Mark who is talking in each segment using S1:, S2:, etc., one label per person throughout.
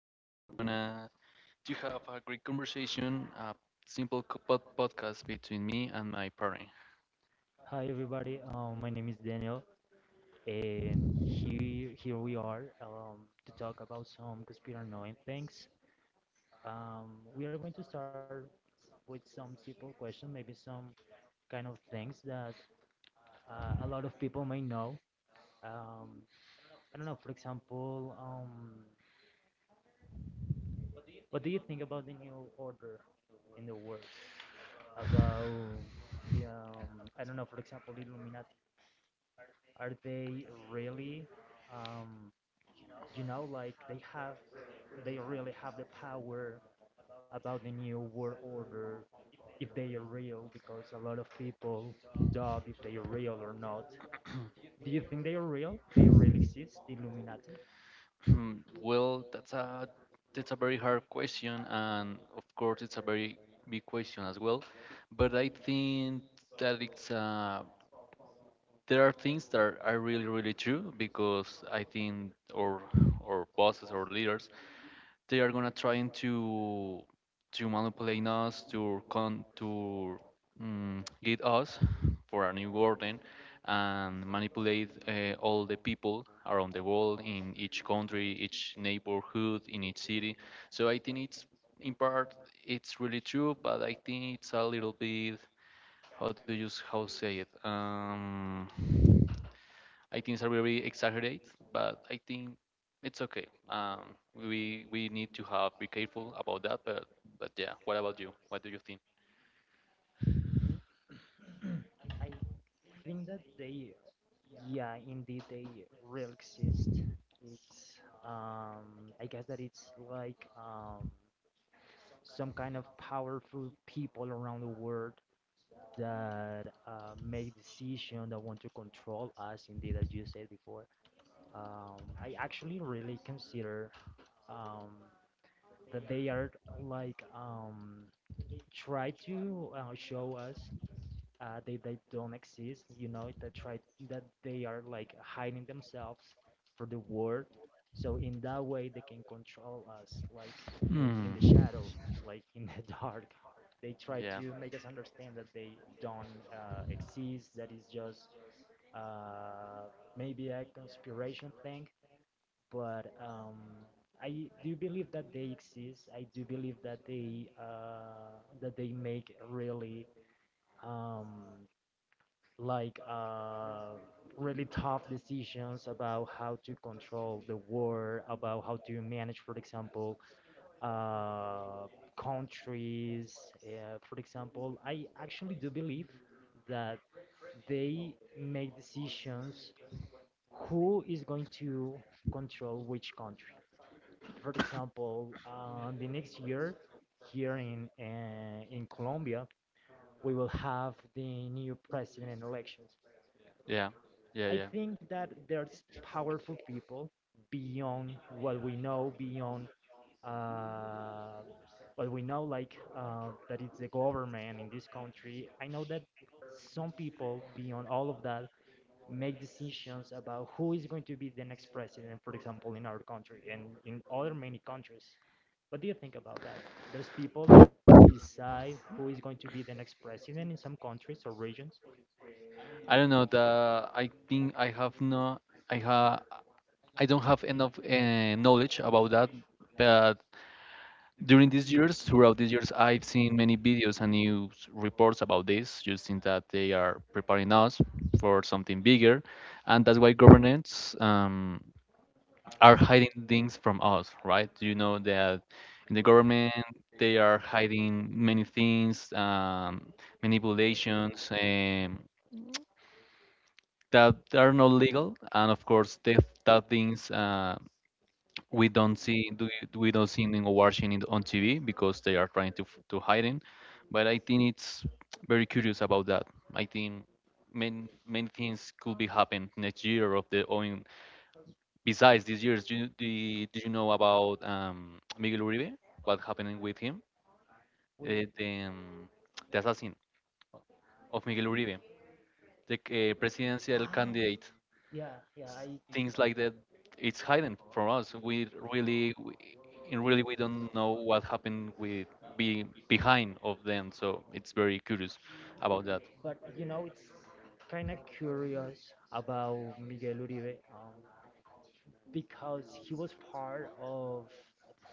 S1: today we're gonna to have a great conversation, a simple podcast between me and my parent.
S2: Hi everybody, my name is Daniel, and here we are to talk about some conspiracy knowing things. We are going to start with some simple questions, maybe some kind of things that a lot of people may know. Um, I don't know, for example, What do you think about the new order in the world? About I don't know, for example, Illuminati. Are they really? Um, you know like they really have the power about the new world order, if they are real, because a lot of people doubt if they are real or not. Do you think they are real? They really exist, the Illuminati?
S1: Hmm, well, that's a very hard question, and of course it's a very big question as well, but I think that it's there are things that are really really true, because I think or bosses or leaders, they are gonna trying to manipulate us, to lead us for a new order and manipulate all the people around the world, in each country, each neighborhood, in each city. So I think it's in part it's really true, but I think it's a little bit, how do you s- how say it, I think are very exaggerate, but I think it's okay. We need to have be careful about that. But yeah, what about you? What do you think?
S2: I think that they yeah, indeed they really exist. It's I guess that it's like, some kind of powerful people around the world that make decisions, that want to control us, indeed, as you said before. I actually really consider um, that they are like, try to show us they don't exist. You know, that try that they are like hiding themselves for the world. So in that way they can control us, like in
S1: Hmm.
S2: in the shadow, like in the dark. They try
S1: Yeah,
S2: to make us understand that they don't exist. That is just uh, maybe a conspiration thing. But I do believe that they exist. I do believe that they make really um, like uh, really tough decisions about how to control the war, about how to manage, for example, uh, countries. For example, I actually do believe that they make decisions who is going to control which country. For example, the next year here in Colombia, we will have the new president elections.
S1: yeah,
S2: I
S1: yeah, yeah.
S2: think that there's powerful people beyond what we know, beyond uh, what we know, like that it's the government in this country. I know that some people beyond all of that make decisions about who is going to be the next president, for example, in our country and in other many countries. What do you think about that? There's people that decide who is going to be the next president in some countries or regions.
S1: I don't know. The I think I have no. I ha. I don't have enough knowledge about that, but during these years, throughout these years, I've seen many videos and news reports about this, just in that they are preparing us for something bigger, and that's why governments are hiding things from us, right? You know that in the government they are hiding many things, manipulations, that are not legal, and of course, that things. We don't see do you- we don't see them watching it on TV, because they are trying to hide it. But I think it's very curious about that. I think many things could be happen next year of the or in, besides this year's. Do you know about Miguel Uribe? What happening with him?
S2: With,
S1: Uh, the, um, the assassin of Miguel Uribe, the presidential
S2: ah,
S1: candidate,
S2: yeah, yeah, I.
S1: things like that, it's hidden from us. We really, we, in really we don't know what happened with, be behind of them, so it's very curious about that.
S2: But you know, it's kind of curious about Miguel Uribe, because he was part of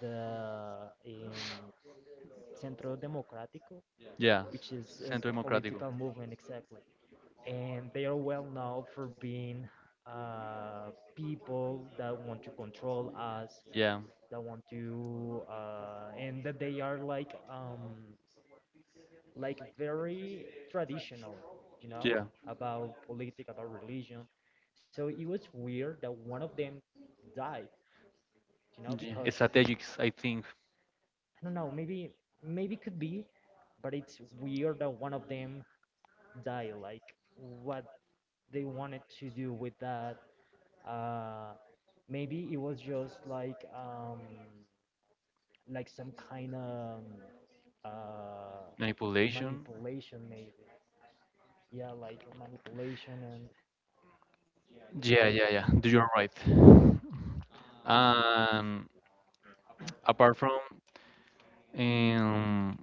S2: the um, Centro Democrático,
S1: Yeah.
S2: which is a
S1: Centro democrático.
S2: political movement, exactly, and they are well known for being people that want to control us,
S1: Yeah.
S2: that want to, and that they are like, like very traditional, you know,
S1: Yeah,
S2: about politics, about religion. So it was weird that one of them died, you know,
S1: yeah,
S2: because
S1: strategics,
S2: I
S1: I think.
S2: don't know, maybe could be, but it's weird that one of them died. Like what they wanted to do with that. Uh, Maybe it was just like, like some kind of uh,
S1: Manipulation.
S2: manipulation, maybe. Yeah, like manipulation, and
S1: Yeah, yeah, yeah. You're right. And apart from, um,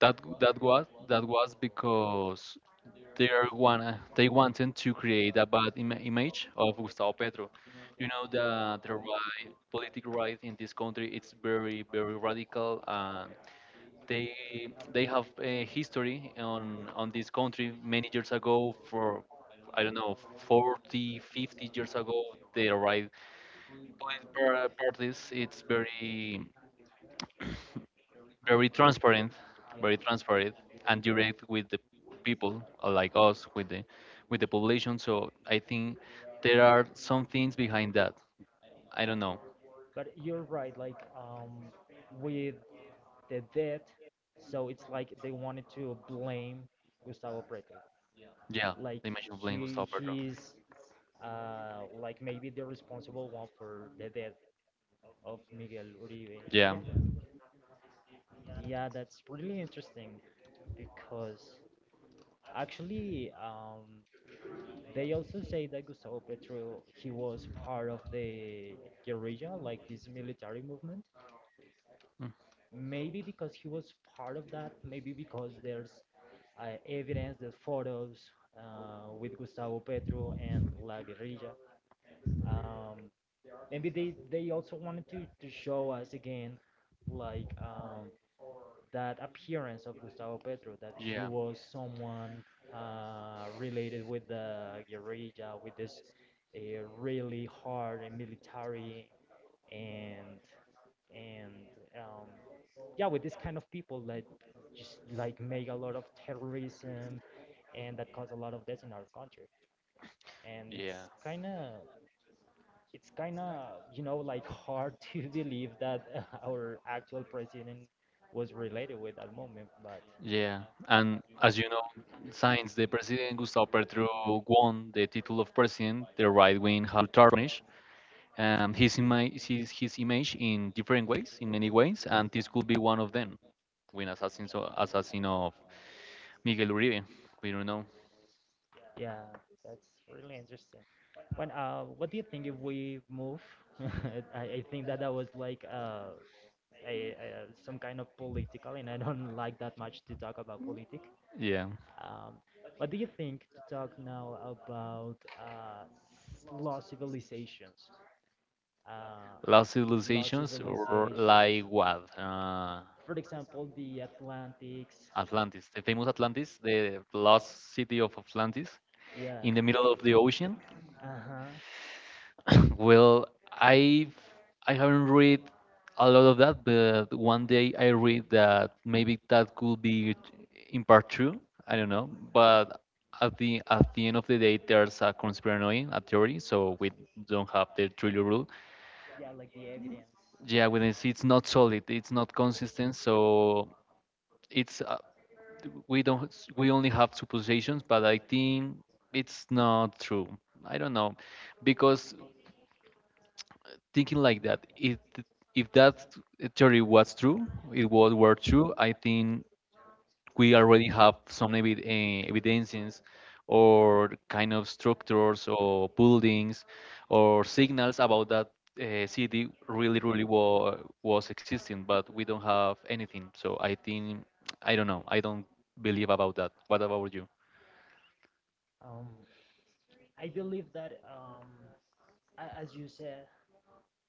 S1: that was because they are wanna they wanted to create a bad image of Gustavo Petro. You know, the right political right in this country, it's very very radical. They they have a history on this country many years ago, for I don't know, 40 50 years ago. The right parties, it's very very transparent,
S2: yeah.
S1: very transparent, and direct with the people, like us, with the population. So I think there are some things behind that. I don't know.
S2: But you're right, like, with the death, so it's like they wanted to blame Gustavo Preto.
S1: Yeah,
S2: Like,
S1: the image of playing
S2: he
S1: Gustavo Petro.
S2: he's like maybe the responsible one for the death of Miguel Uribe. Yeah,
S1: Yeah.
S2: yeah, that's really interesting because actually, they also say that Gustavo Petro, he was part of the guerrilla, like this military movement,
S1: Mm,
S2: maybe because he was part of that, maybe because there's evidence, there's photos with Gustavo Petro and La Guerrilla. Um, Maybe they also wanted to show us again, like, that appearance of Gustavo Petro, that he
S1: yeah,
S2: was someone related with the guerrilla, with this uh, really hard and military and and um, yeah, with this kind of people that just like make a lot of terrorism and that cause a lot of deaths in our country. And
S1: yeah.
S2: it's kind of you know, like, hard to believe that our actual president was related with that moment. But
S1: Yeah, and as you know, since the president Gustavo Petro won the title of president, the right wing has tarnished, his image in different ways, in many ways, and this could be one of them. When assassin, so assassin of Miguel Uribe, we don't know.
S2: yeah, that's really interesting. When, what do you think if we move? I think that that was like, a some kind of political, and I don't like that much to talk about politics.
S1: Yeah.
S2: Um, what do you think to talk now about lost civilizations?
S1: Lost
S2: Uh,
S1: civilizations
S2: Lost
S1: or like
S2: civilizations,
S1: what?
S2: for example, the Atlantics.
S1: Atlantis, the famous Atlantis, the lost city of Atlantis
S2: Yeah.
S1: in the middle of the ocean.
S2: Uh huh.
S1: Well, I I haven't read a lot of that, but one day I read that maybe that could be in part true. I don't know, but at the end of the day, there's a conspiranoid a theory, so we don't have the Trillo rule.
S2: Yeah, like the evidence.
S1: Yeah, when it's not
S2: Uh-huh.
S1: solid, it's not consistent, so it's we don't we only have suppositions, but I think it's not true. I don't know, because thinking like that, it, if that theory was true, it was were true, I think we already have some evidences, or kind of structures or buildings or signals about that city really really was existing, but we don't have anything. So I think, I don't know, I don't believe about that. What about you?
S2: Um, I believe that, a- as you said,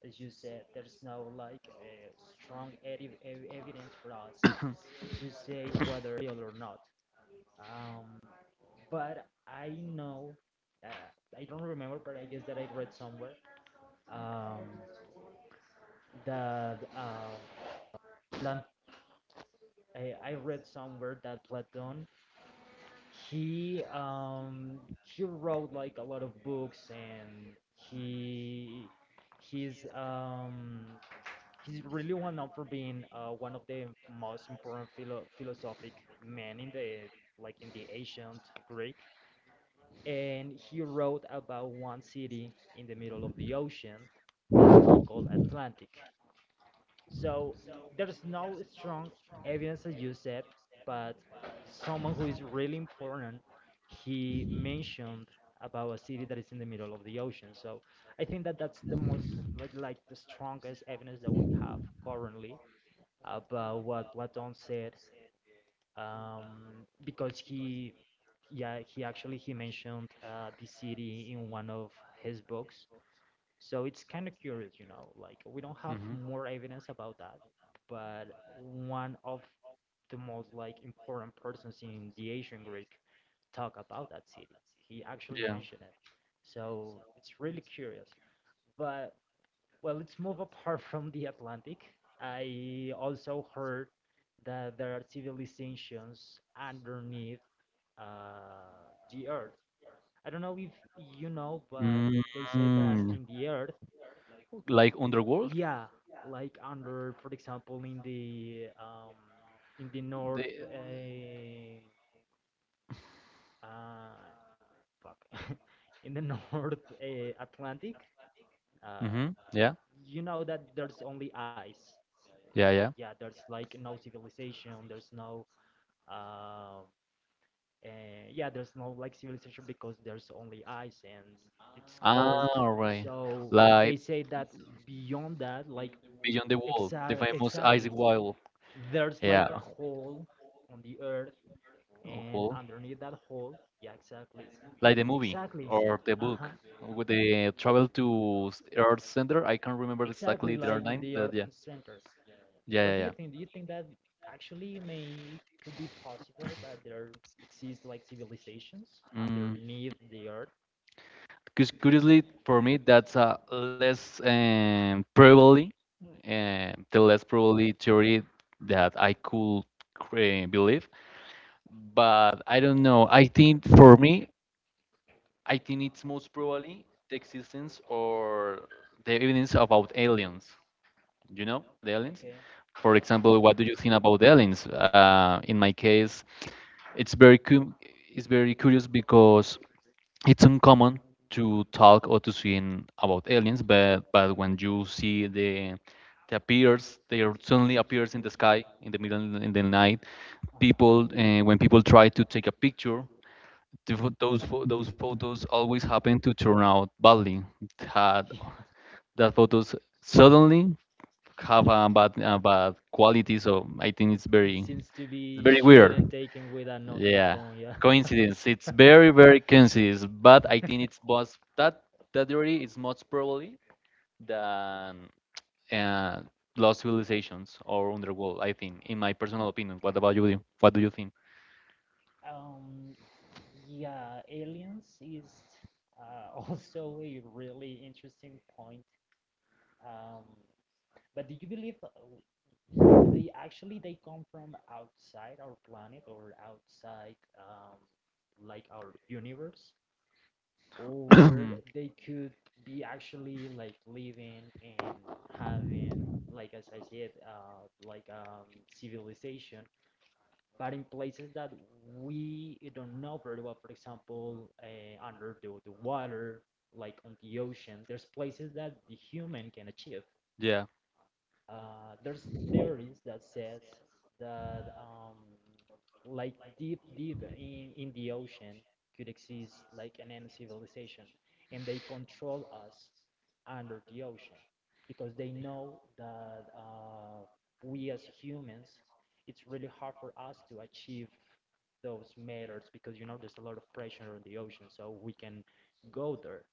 S2: as you said, there's no like a strong evidence for us to say whether real or not. Um, but I know, uh, I don't remember, but I guess that I read somewhere um, that Plant. I read somewhere that Platon, he wrote like a lot of books and he his um he's really one known for being one of the most important philosophic men in the, like, in the ancient Greek, and he wrote about one city in the middle of the ocean that he called Atlantic. So there's no strong evidence, as you said, but someone who is really important, he mentioned about a city that is in the middle of the ocean. So I think that that's the most, like the strongest evidence that we have currently about what said, because he actually he mentioned the city in one of his books. So it's kind of curious, you know, like, we don't have
S1: Hmm.
S2: more evidence about that, but one of the most, like, important persons in the ancient Greek talk about that city. He actually
S1: Yeah.
S2: mentioned it. So it's really curious. But well, let's move apart from the Atlantic. I also heard that there are civilizations underneath the Earth. I don't know if you know, but they say that
S1: Mm.
S2: in the Earth,
S1: Like underworld.
S2: yeah, like under, for example, in the north,
S1: They.
S2: uh, fuck, in the North Atlantic, uh,
S1: Hmm. Yeah.
S2: you know that there's only ice.
S1: Yeah, yeah.
S2: Yeah, there's like no civilization, there's no uh, uh, yeah, there's no like civilization because there's only ice and it's
S1: Ah,
S2: cold.
S1: all right.
S2: So they
S1: Like
S2: say that beyond that, beyond like
S1: Beyond the
S2: Beyond
S1: Wall, the
S2: exa-
S1: famous Ice
S2: exactly,
S1: Wall.
S2: there's like a
S1: Yeah.
S2: hole on the earth,
S1: Oh,
S2: and
S1: wall.
S2: underneath that hole, yeah, exactly,
S1: Like the movie
S2: exactly,
S1: or the
S2: uh-huh,
S1: book, with the travel to Earth Center. I can't remember
S2: exactly,
S1: exactly their
S2: like on
S1: name.
S2: the
S1: But yeah,
S2: earth's center.
S1: yeah,
S2: What
S1: yeah,
S2: do you
S1: yeah.
S2: think? Do you think that actually may could be possible that there exist like civilizations
S1: Mm.
S2: underneath the earth?
S1: Because curiously, for me, that's a less probably the less probably theory that I could believe. But I don't know. I think for me, I think it's most probably the existence or the evidence about aliens. You know, the aliens.
S2: Okay.
S1: For example, what do you think about the aliens? In my case, it's very cum it's very curious, because it's uncommon to talk or to see about aliens, but when you see they appears, suddenly appears in the sky in the middle in the night, people
S2: Uh-huh.
S1: when people try to take a picture, the, pho- those photos always happen to turn out badly. It Had
S2: Yeah.
S1: that photos suddenly have a bad quality, so I think
S2: It,
S1: it's
S2: it
S1: very
S2: seems to
S1: it's
S2: be
S1: very
S2: shoot
S1: weird.
S2: and rare, taken with a Nokia
S1: Yeah,
S2: phone, yeah.
S1: coincidence. It's very very coincidence, but I think it's was that theory is much probably than, uh, lost civilizations or underworld. I think, in my personal opinion. What about you? What do you think?
S2: Um, yeah, aliens is also a really interesting point. Um, but do you believe they actually they come from outside our planet, or outside, like, our universe, or they could be actually like living and having, like, as I said, like, civilization, but in places that we don't know very well, for example, under the water, like on the ocean, there's places that the human can achieve.
S1: Yeah.
S2: There's theories that says that, like, deep in the ocean could exist like an end civilization, and they control us under the ocean because they know that uh, we as humans, it's really hard for us to achieve those matters, because you know there's a lot of pressure on the ocean, so we can go there.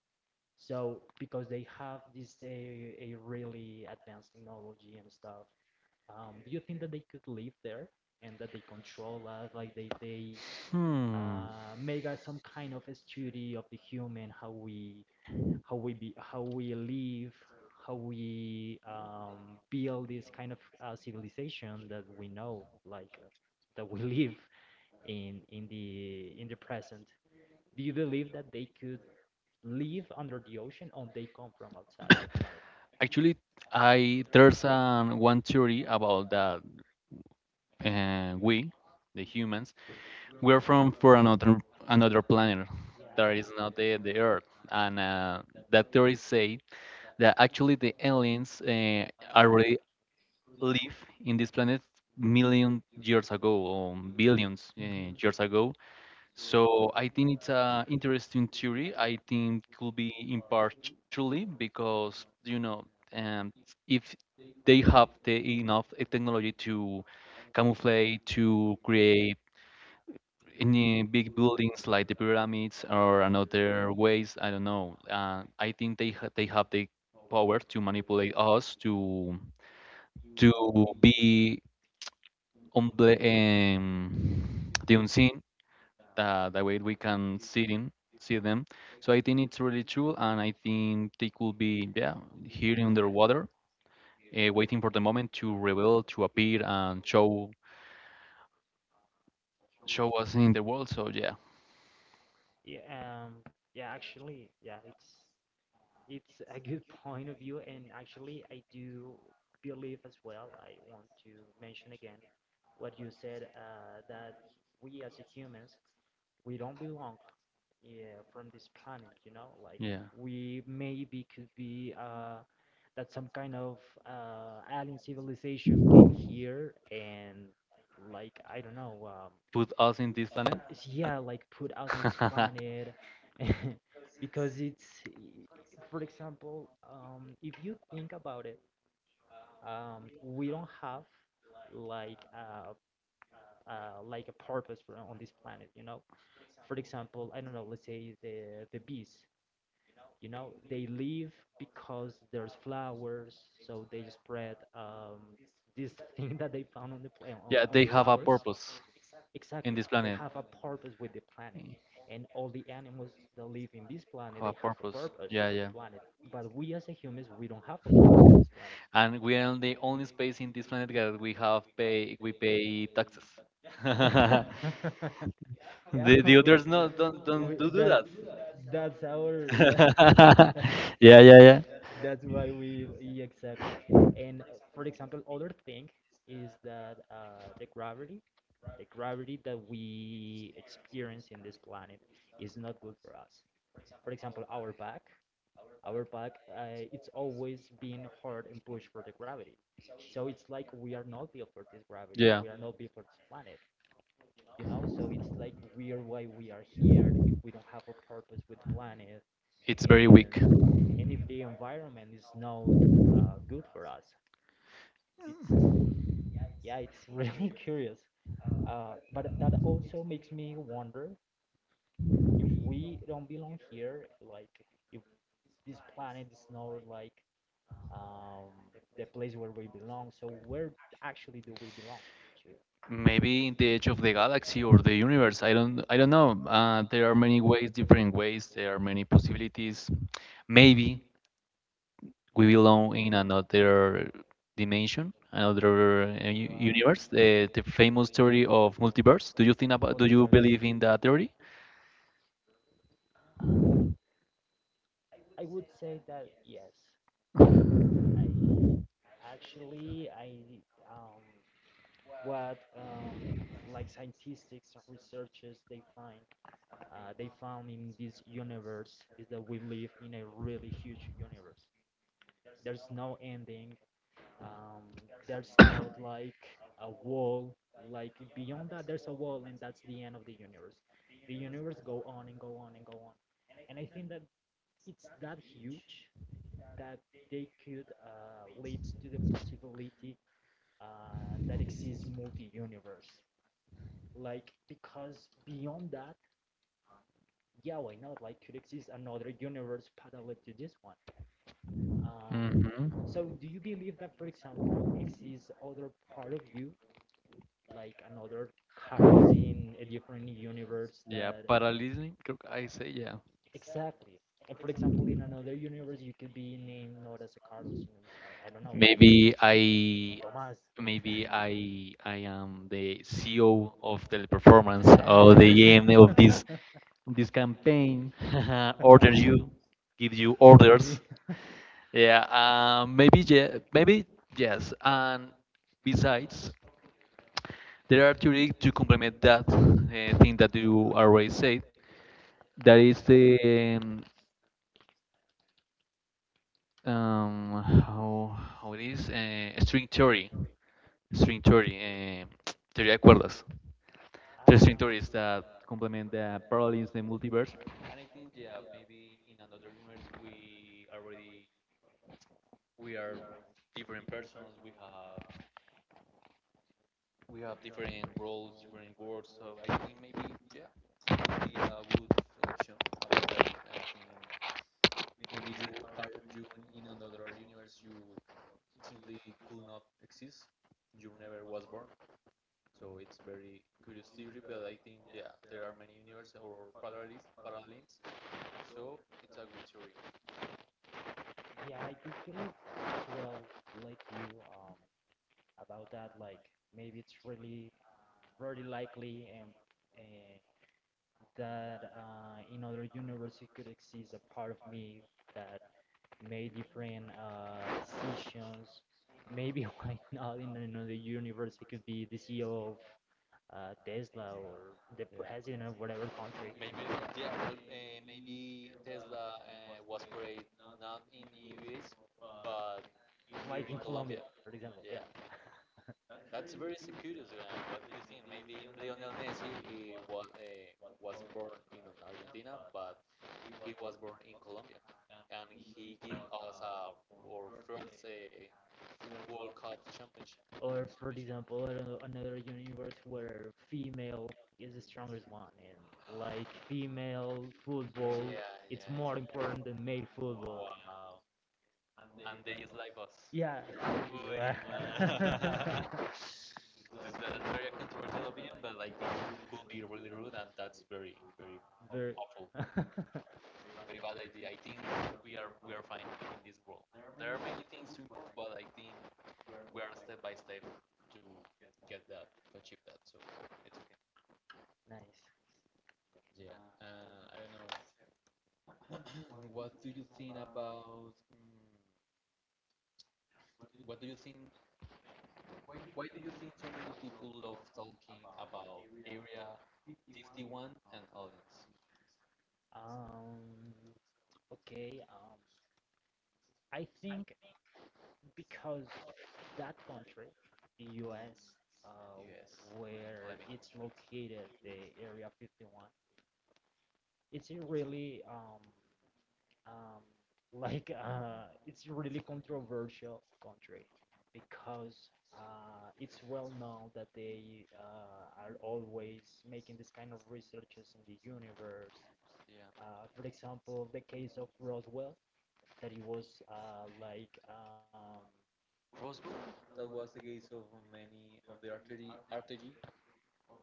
S2: So because they have this a really advanced technology and stuff, do you think that they could live there and that they control us, like they
S1: Hmm.
S2: make us some kind of a study of the human, how we, how we be how we live, how we, build this kind of civilization that we know, like, that we live in in the present. Do you believe that they could live under the ocean or they come from outside our planet?
S1: Actually, I there's one theory about that, we, the humans, we're from for another planet that is not the Earth, and that theory say that actually the aliens already live in this planet million years ago or billions
S2: Hmm.
S1: years ago. So I think it's a interesting theory. I think could be impartially, because you know, um, if they have the enough technology to camouflage, to create any big buildings like the pyramids or another ways. I don't know. I think they have the power to manipulate us, to be on the unseen, the way we can see in see them. So I think it's really true, and I think they could be, yeah, here underwater, waiting for the moment to reveal, to appear, and show us in the world. So yeah.
S2: Yeah, yeah, actually, yeah, it's a good point of view, and actually, I do believe as well. I want to mention again what you said, that we as a humans, we don't belong, yeah, from this planet, you know? Like,
S1: Yeah,
S2: we maybe could be that some kind of alien civilization came here, and, like, I don't know,
S1: put us in this planet.
S2: yeah,
S1: and-
S2: like, put us in this planet because it's, for example, if you think about it, we don't have like uh, like a purpose for, on this planet, you know. For example, I don't know, let's say the bees, you know, they live because there's flowers, so they just spread, this thing that they found on the
S1: yeah,
S2: on the
S1: they have a
S2: flowers.
S1: purpose in
S2: Exactly,
S1: this
S2: they
S1: planet.
S2: have a purpose with the planet,
S1: Mm.
S2: and all the animals that live in this planet,
S1: Have a
S2: they have a
S1: purpose.
S2: purpose
S1: Yeah,
S2: with the
S1: yeah.
S2: planet. But we as a humans, we don't have a purpose on this planet.
S1: And we are the only space in this planet that we pay taxes. the
S2: Yeah,
S1: the others no, don't
S2: we,
S1: don't do that.
S2: that's our, yeah.
S1: Yeah, yeah,
S2: That's
S1: yeah.
S2: why we, yeah, exactly. And For example, other thing is that the gravity that we experience in this planet is not good for us. For example, our back, it's always been hard and pushed for the gravity. So it's like we are not built for this gravity. We
S1: Yeah,
S2: are not built for this planet, you know? So it's like we are why we are here if we don't have a purpose with the planet
S1: it's very weak.
S2: and and if the environment is not good for us it's yeah it's really curious, but that also makes me wonder if we don't belong here, like if this planet is not like, um, the place where we belong, so where actually do we belong to.
S1: Maybe in the edge of the galaxy or the universe. I don't. I don't know. There are many ways, different ways. There are many possibilities. Maybe we belong in another dimension, another
S2: Wow,
S1: universe. The famous theory of multiverse. Do you think about? Do you
S2: multiverse.
S1: believe in that theory?
S2: um, I would say that yes. I actually I um what like scientists or researchers, they find they found in this universe is that we live in a really huge universe. There's no ending. Um, there's not like a wall. Like beyond that, there's a wall, and that's the end of the universe. The universe go on and go on and go on, and I think that it's that huge that they could lead to the possibility that exists multi-universe. Like because beyond that, yeah, why not? Like could exist another universe parallel to this one. Um,
S1: Hmm.
S2: so do you believe that, for example, exists other part of you, like another Carlos in a different universe
S1: Yeah,
S2: that
S1: parallelism. Creo que, I say yeah.
S2: exactly? And for example, in another universe, you could be named not as a Carlos, I don't know, like
S1: Maybe I
S2: Tomás. Yeah.
S1: maybe I am the CEO of the performance or the
S2: Ah.
S1: AM of this campaign. Order you, give you
S2: Or me.
S1: orders. Yeah, maybe, yeah, maybe yes. And besides, there are theory to complement that thing that you already said. That is the, um, how it is, string theory, string theory, teoría de cuerdas. Interesting
S2: Ah.
S1: theories that complement the parallels, the multiverse. And I think, yeah, maybe in another universe we are different persons. We have different roles, different worlds. So I think maybe, yeah, it would be a good option. About that. I think maybe you are you in another universe, you simply could not exist. You never was born. So it's very curious theory, but I think, yeah, there are many universes or parallels, so it's a good theory.
S2: Yeah, I do believe as well, like you, about that. Like maybe it's really very likely and uh, that in other universe it could exist a part of me that made different decisions. Maybe why not in another universe it could be the CEO of Tesla or the
S1: Yeah.
S2: president of whatever country.
S1: Maybe, yeah, well, maybe Tesla was created not in the US, but here
S2: Like
S1: in
S2: in Colombia. Colombia,
S1: Colombia.
S2: for yeah, example, yeah.
S1: Yeah, that's very curious. What do you think? Maybe Lionel Messi, he was born in Argentina, but he was born in Colombia, and he gave us our first World Cup championship.
S2: Or for
S1: championship.
S2: example, I don't know, another universe where female is the strongest one, and like female, yeah, football,
S1: Yeah,
S2: it's more
S1: yeah,
S2: important
S1: yeah.
S2: than male football.
S1: Wow. And they is like us.
S2: Yeah. Wow.
S1: Uy, man. That's very controversial opinion, but like, that could be really rude, and that's very, very
S2: Very
S1: awful, very bad idea. I think we are fine in this world. There are many things to improve, but I think we are step by step to get that, to achieve that. So it's okay.
S2: nice.
S1: Yeah. I don't know. What do you think about? What do you think? Why do you think so many people love talking about Area 51 and aliens?
S2: Um, okay. I think because that country, the U.S., uh,
S1: Yes, let
S2: where
S1: me
S2: it's located,
S1: contrast.
S2: the Area 51, it's a really um, like it's really controversial country because it's well known that they are always making this kind of researches in the universe.
S1: Yeah,
S2: For example, the case of Roswell, that it was
S1: Roswell, that was the case of many of the RTG,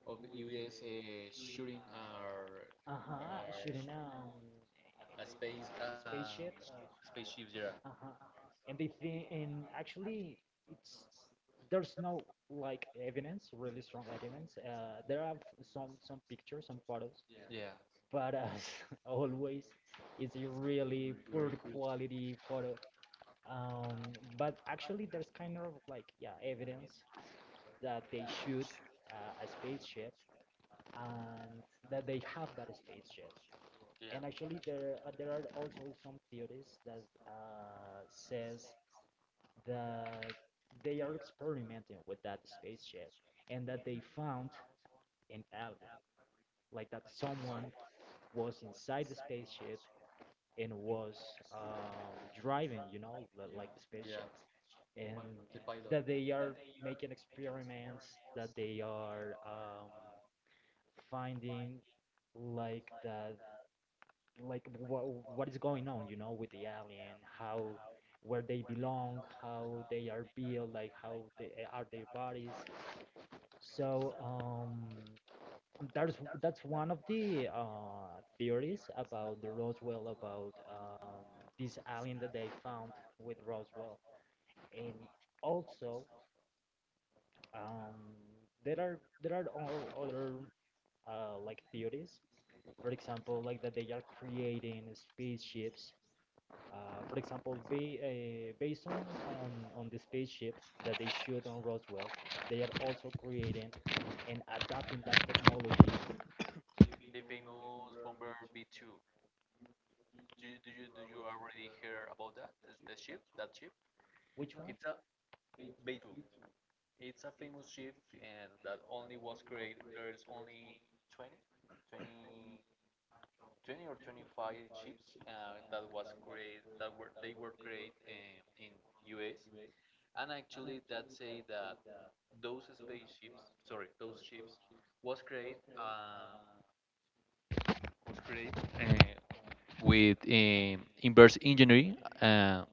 S1: of the US, shooting
S2: uh-huh,
S1: our
S2: shooting
S1: uh, space
S2: a
S1: um,
S2: spaceship.
S1: spaceships. Yeah,
S2: Uh-huh, and they think, and actually it's there's no like evidence, really strong evidence. There are some pictures, some photos,
S1: yeah.
S2: but as always it's a really
S1: Very
S2: poor
S1: cool.
S2: quality photo. But actually there's kind of like, yeah, evidence that they shoot a spaceship and that they have that spaceship.
S1: Yeah.
S2: And actually there are also some theories that says that they are experimenting with that spaceship and that they found an alien, like that someone was inside the spaceship and was driving, yeah, like the
S1: Yeah,
S2: spaceship, and
S1: the and pilot.
S2: that they are making experiments, that they are finding like that, like what is going on, with the alien, how where they belong, how they are built, like how they are their bodies. So um that's that's one of the theories about the Roswell, about this alien that they found with Roswell. And also, um there are other like theories, for example, like that they are creating spaceships. For example, ba based on, on the spaceship that they shoot on Roswell, they are also creating and adapting that technology.
S1: The famous bomber B2. Do you already hear about that? Is the ship, that ship?
S2: Which one?
S1: It's a B2. It's a famous ship, and that only was created. There's only 20, 20, 20 or 25 ships, that were created, in US, and actually that say that those spaceships, sorry, those ships was created uh, was created uh, with, inverse engineering,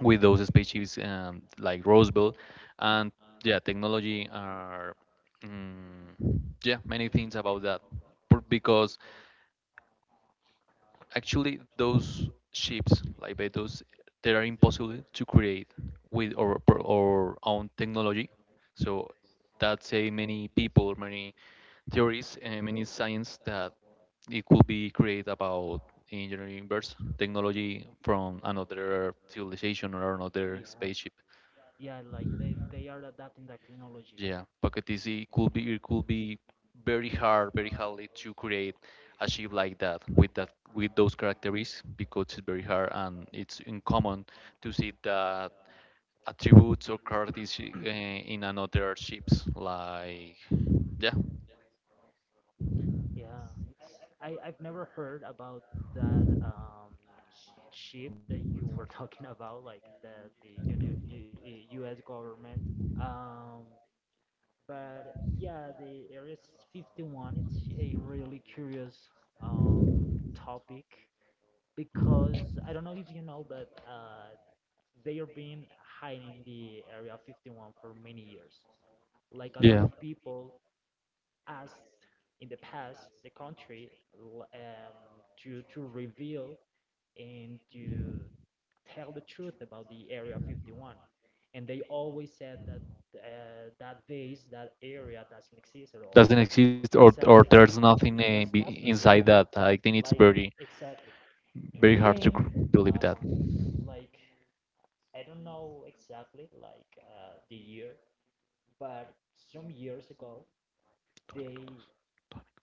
S1: with those spaceships, like Roswell, and yeah, technology are, mm, yeah, many things about that, because actually those ships, like those, they are impossible to create with our own technology. So that's a many people, many theories, and many science that it could be created about engineering universe technology from another civilization or another
S2: Yeah,
S1: spaceship.
S2: yeah, like they are adapting that technology.
S1: Yeah, Pocket Easy could be, very hard, very hardly to create a ship like that, with that, with those characteristics, because it's very hard, and it's uncommon to see that attributes or characteristics in another ships. Like, yeah,
S2: Yeah, it's I've never heard about that ship that you were talking about, like the U S government. Um, but yeah, the Area 51, it's a really curious um, topic, because I don't know if you know, but they have been hiding the Area 51 for many years. Like a lot of people asked in the past the country l- um, to reveal and to tell the truth about the Area 51, and they always said that that base, that area doesn't exist at all.
S1: doesn't exist, or
S2: Exactly,
S1: there's nothing
S2: and there's
S1: be
S2: nothing. Yeah,
S1: inside that. I think it's
S2: like
S1: very
S2: exactly, and
S1: very hard
S2: then
S1: to believe
S2: um,
S1: that.
S2: like I don't know exactly like the year, but some years ago they,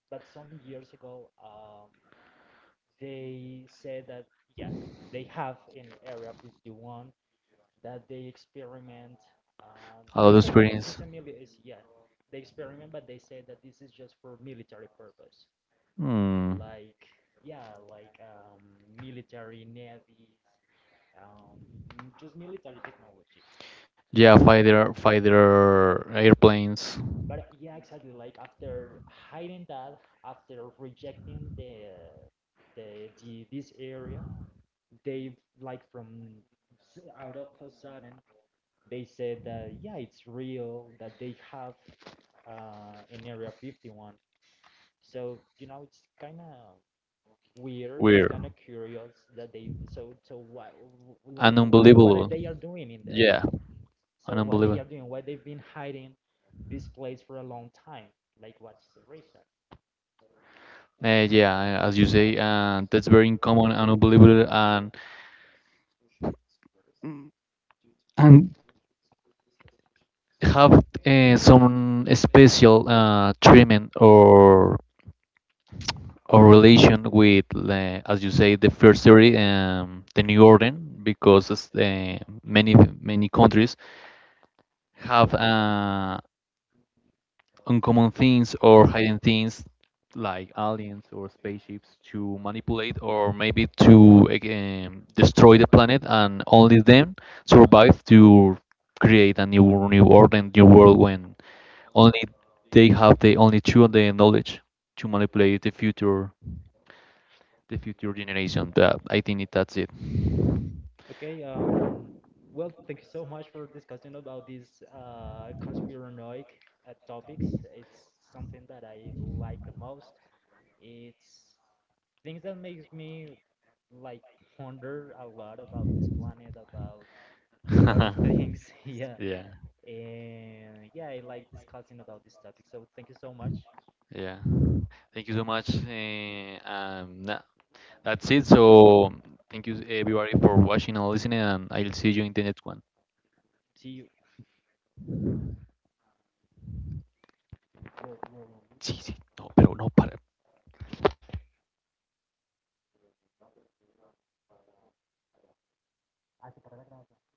S2: but some years ago they said that yeah, they have in Area 51 that they experiment.
S1: A
S2: They
S1: lot of
S2: say that this is
S1: experience.
S2: a mili- is yeah, they experiment, but they say that this is just for military purpose.
S1: Hmm.
S2: Like yeah, like military navies. um, just military technology.
S1: Yeah, fighter airplanes.
S2: But yeah, exactly. Like after hiding that, after rejecting the this area, they, like from out of a sudden they said that yeah, it's real that they have in Area 51. So you know, it's kind of weird. It's
S1: Weird
S2: kind of curious that they. So so what, like
S1: and
S2: what are
S1: unbelievable.
S2: they are doing in there? Yeah.
S1: Yeah,
S2: So
S1: and
S2: what they
S1: unbelievable.
S2: are doing? Why they've been hiding this place for a long time? Like what's the reason?
S1: Yeah, as you say, that's very uncommon and unbelievable, and and have some special treatment or relation with, as you say, the first theory, the new order, because many many countries have uncommon things or hidden things, like aliens or spaceships, to manipulate, or maybe to again destroy the planet and only them survive to create a new order and new world, when only they have the only true the knowledge to manipulate the future, generation. That, I think it, that's it.
S2: Okay. Well, thank you so much for discussing about these conspiranoic topics. It's something that I like the most. It's things that makes me like ponder a lot about this planet, about a lot of things. Yeah,
S1: Yeah,
S2: and yeah, I like discussing about this topic. So thank you so much.
S1: yeah, thank you so much, uh, um, that's it. So thank you everybody for watching and listening, and I'll see you in the next one.
S2: See you. Yo- yo- yo-
S1: Sí, sí. No, pero no para.
S2: hasta para la grabación.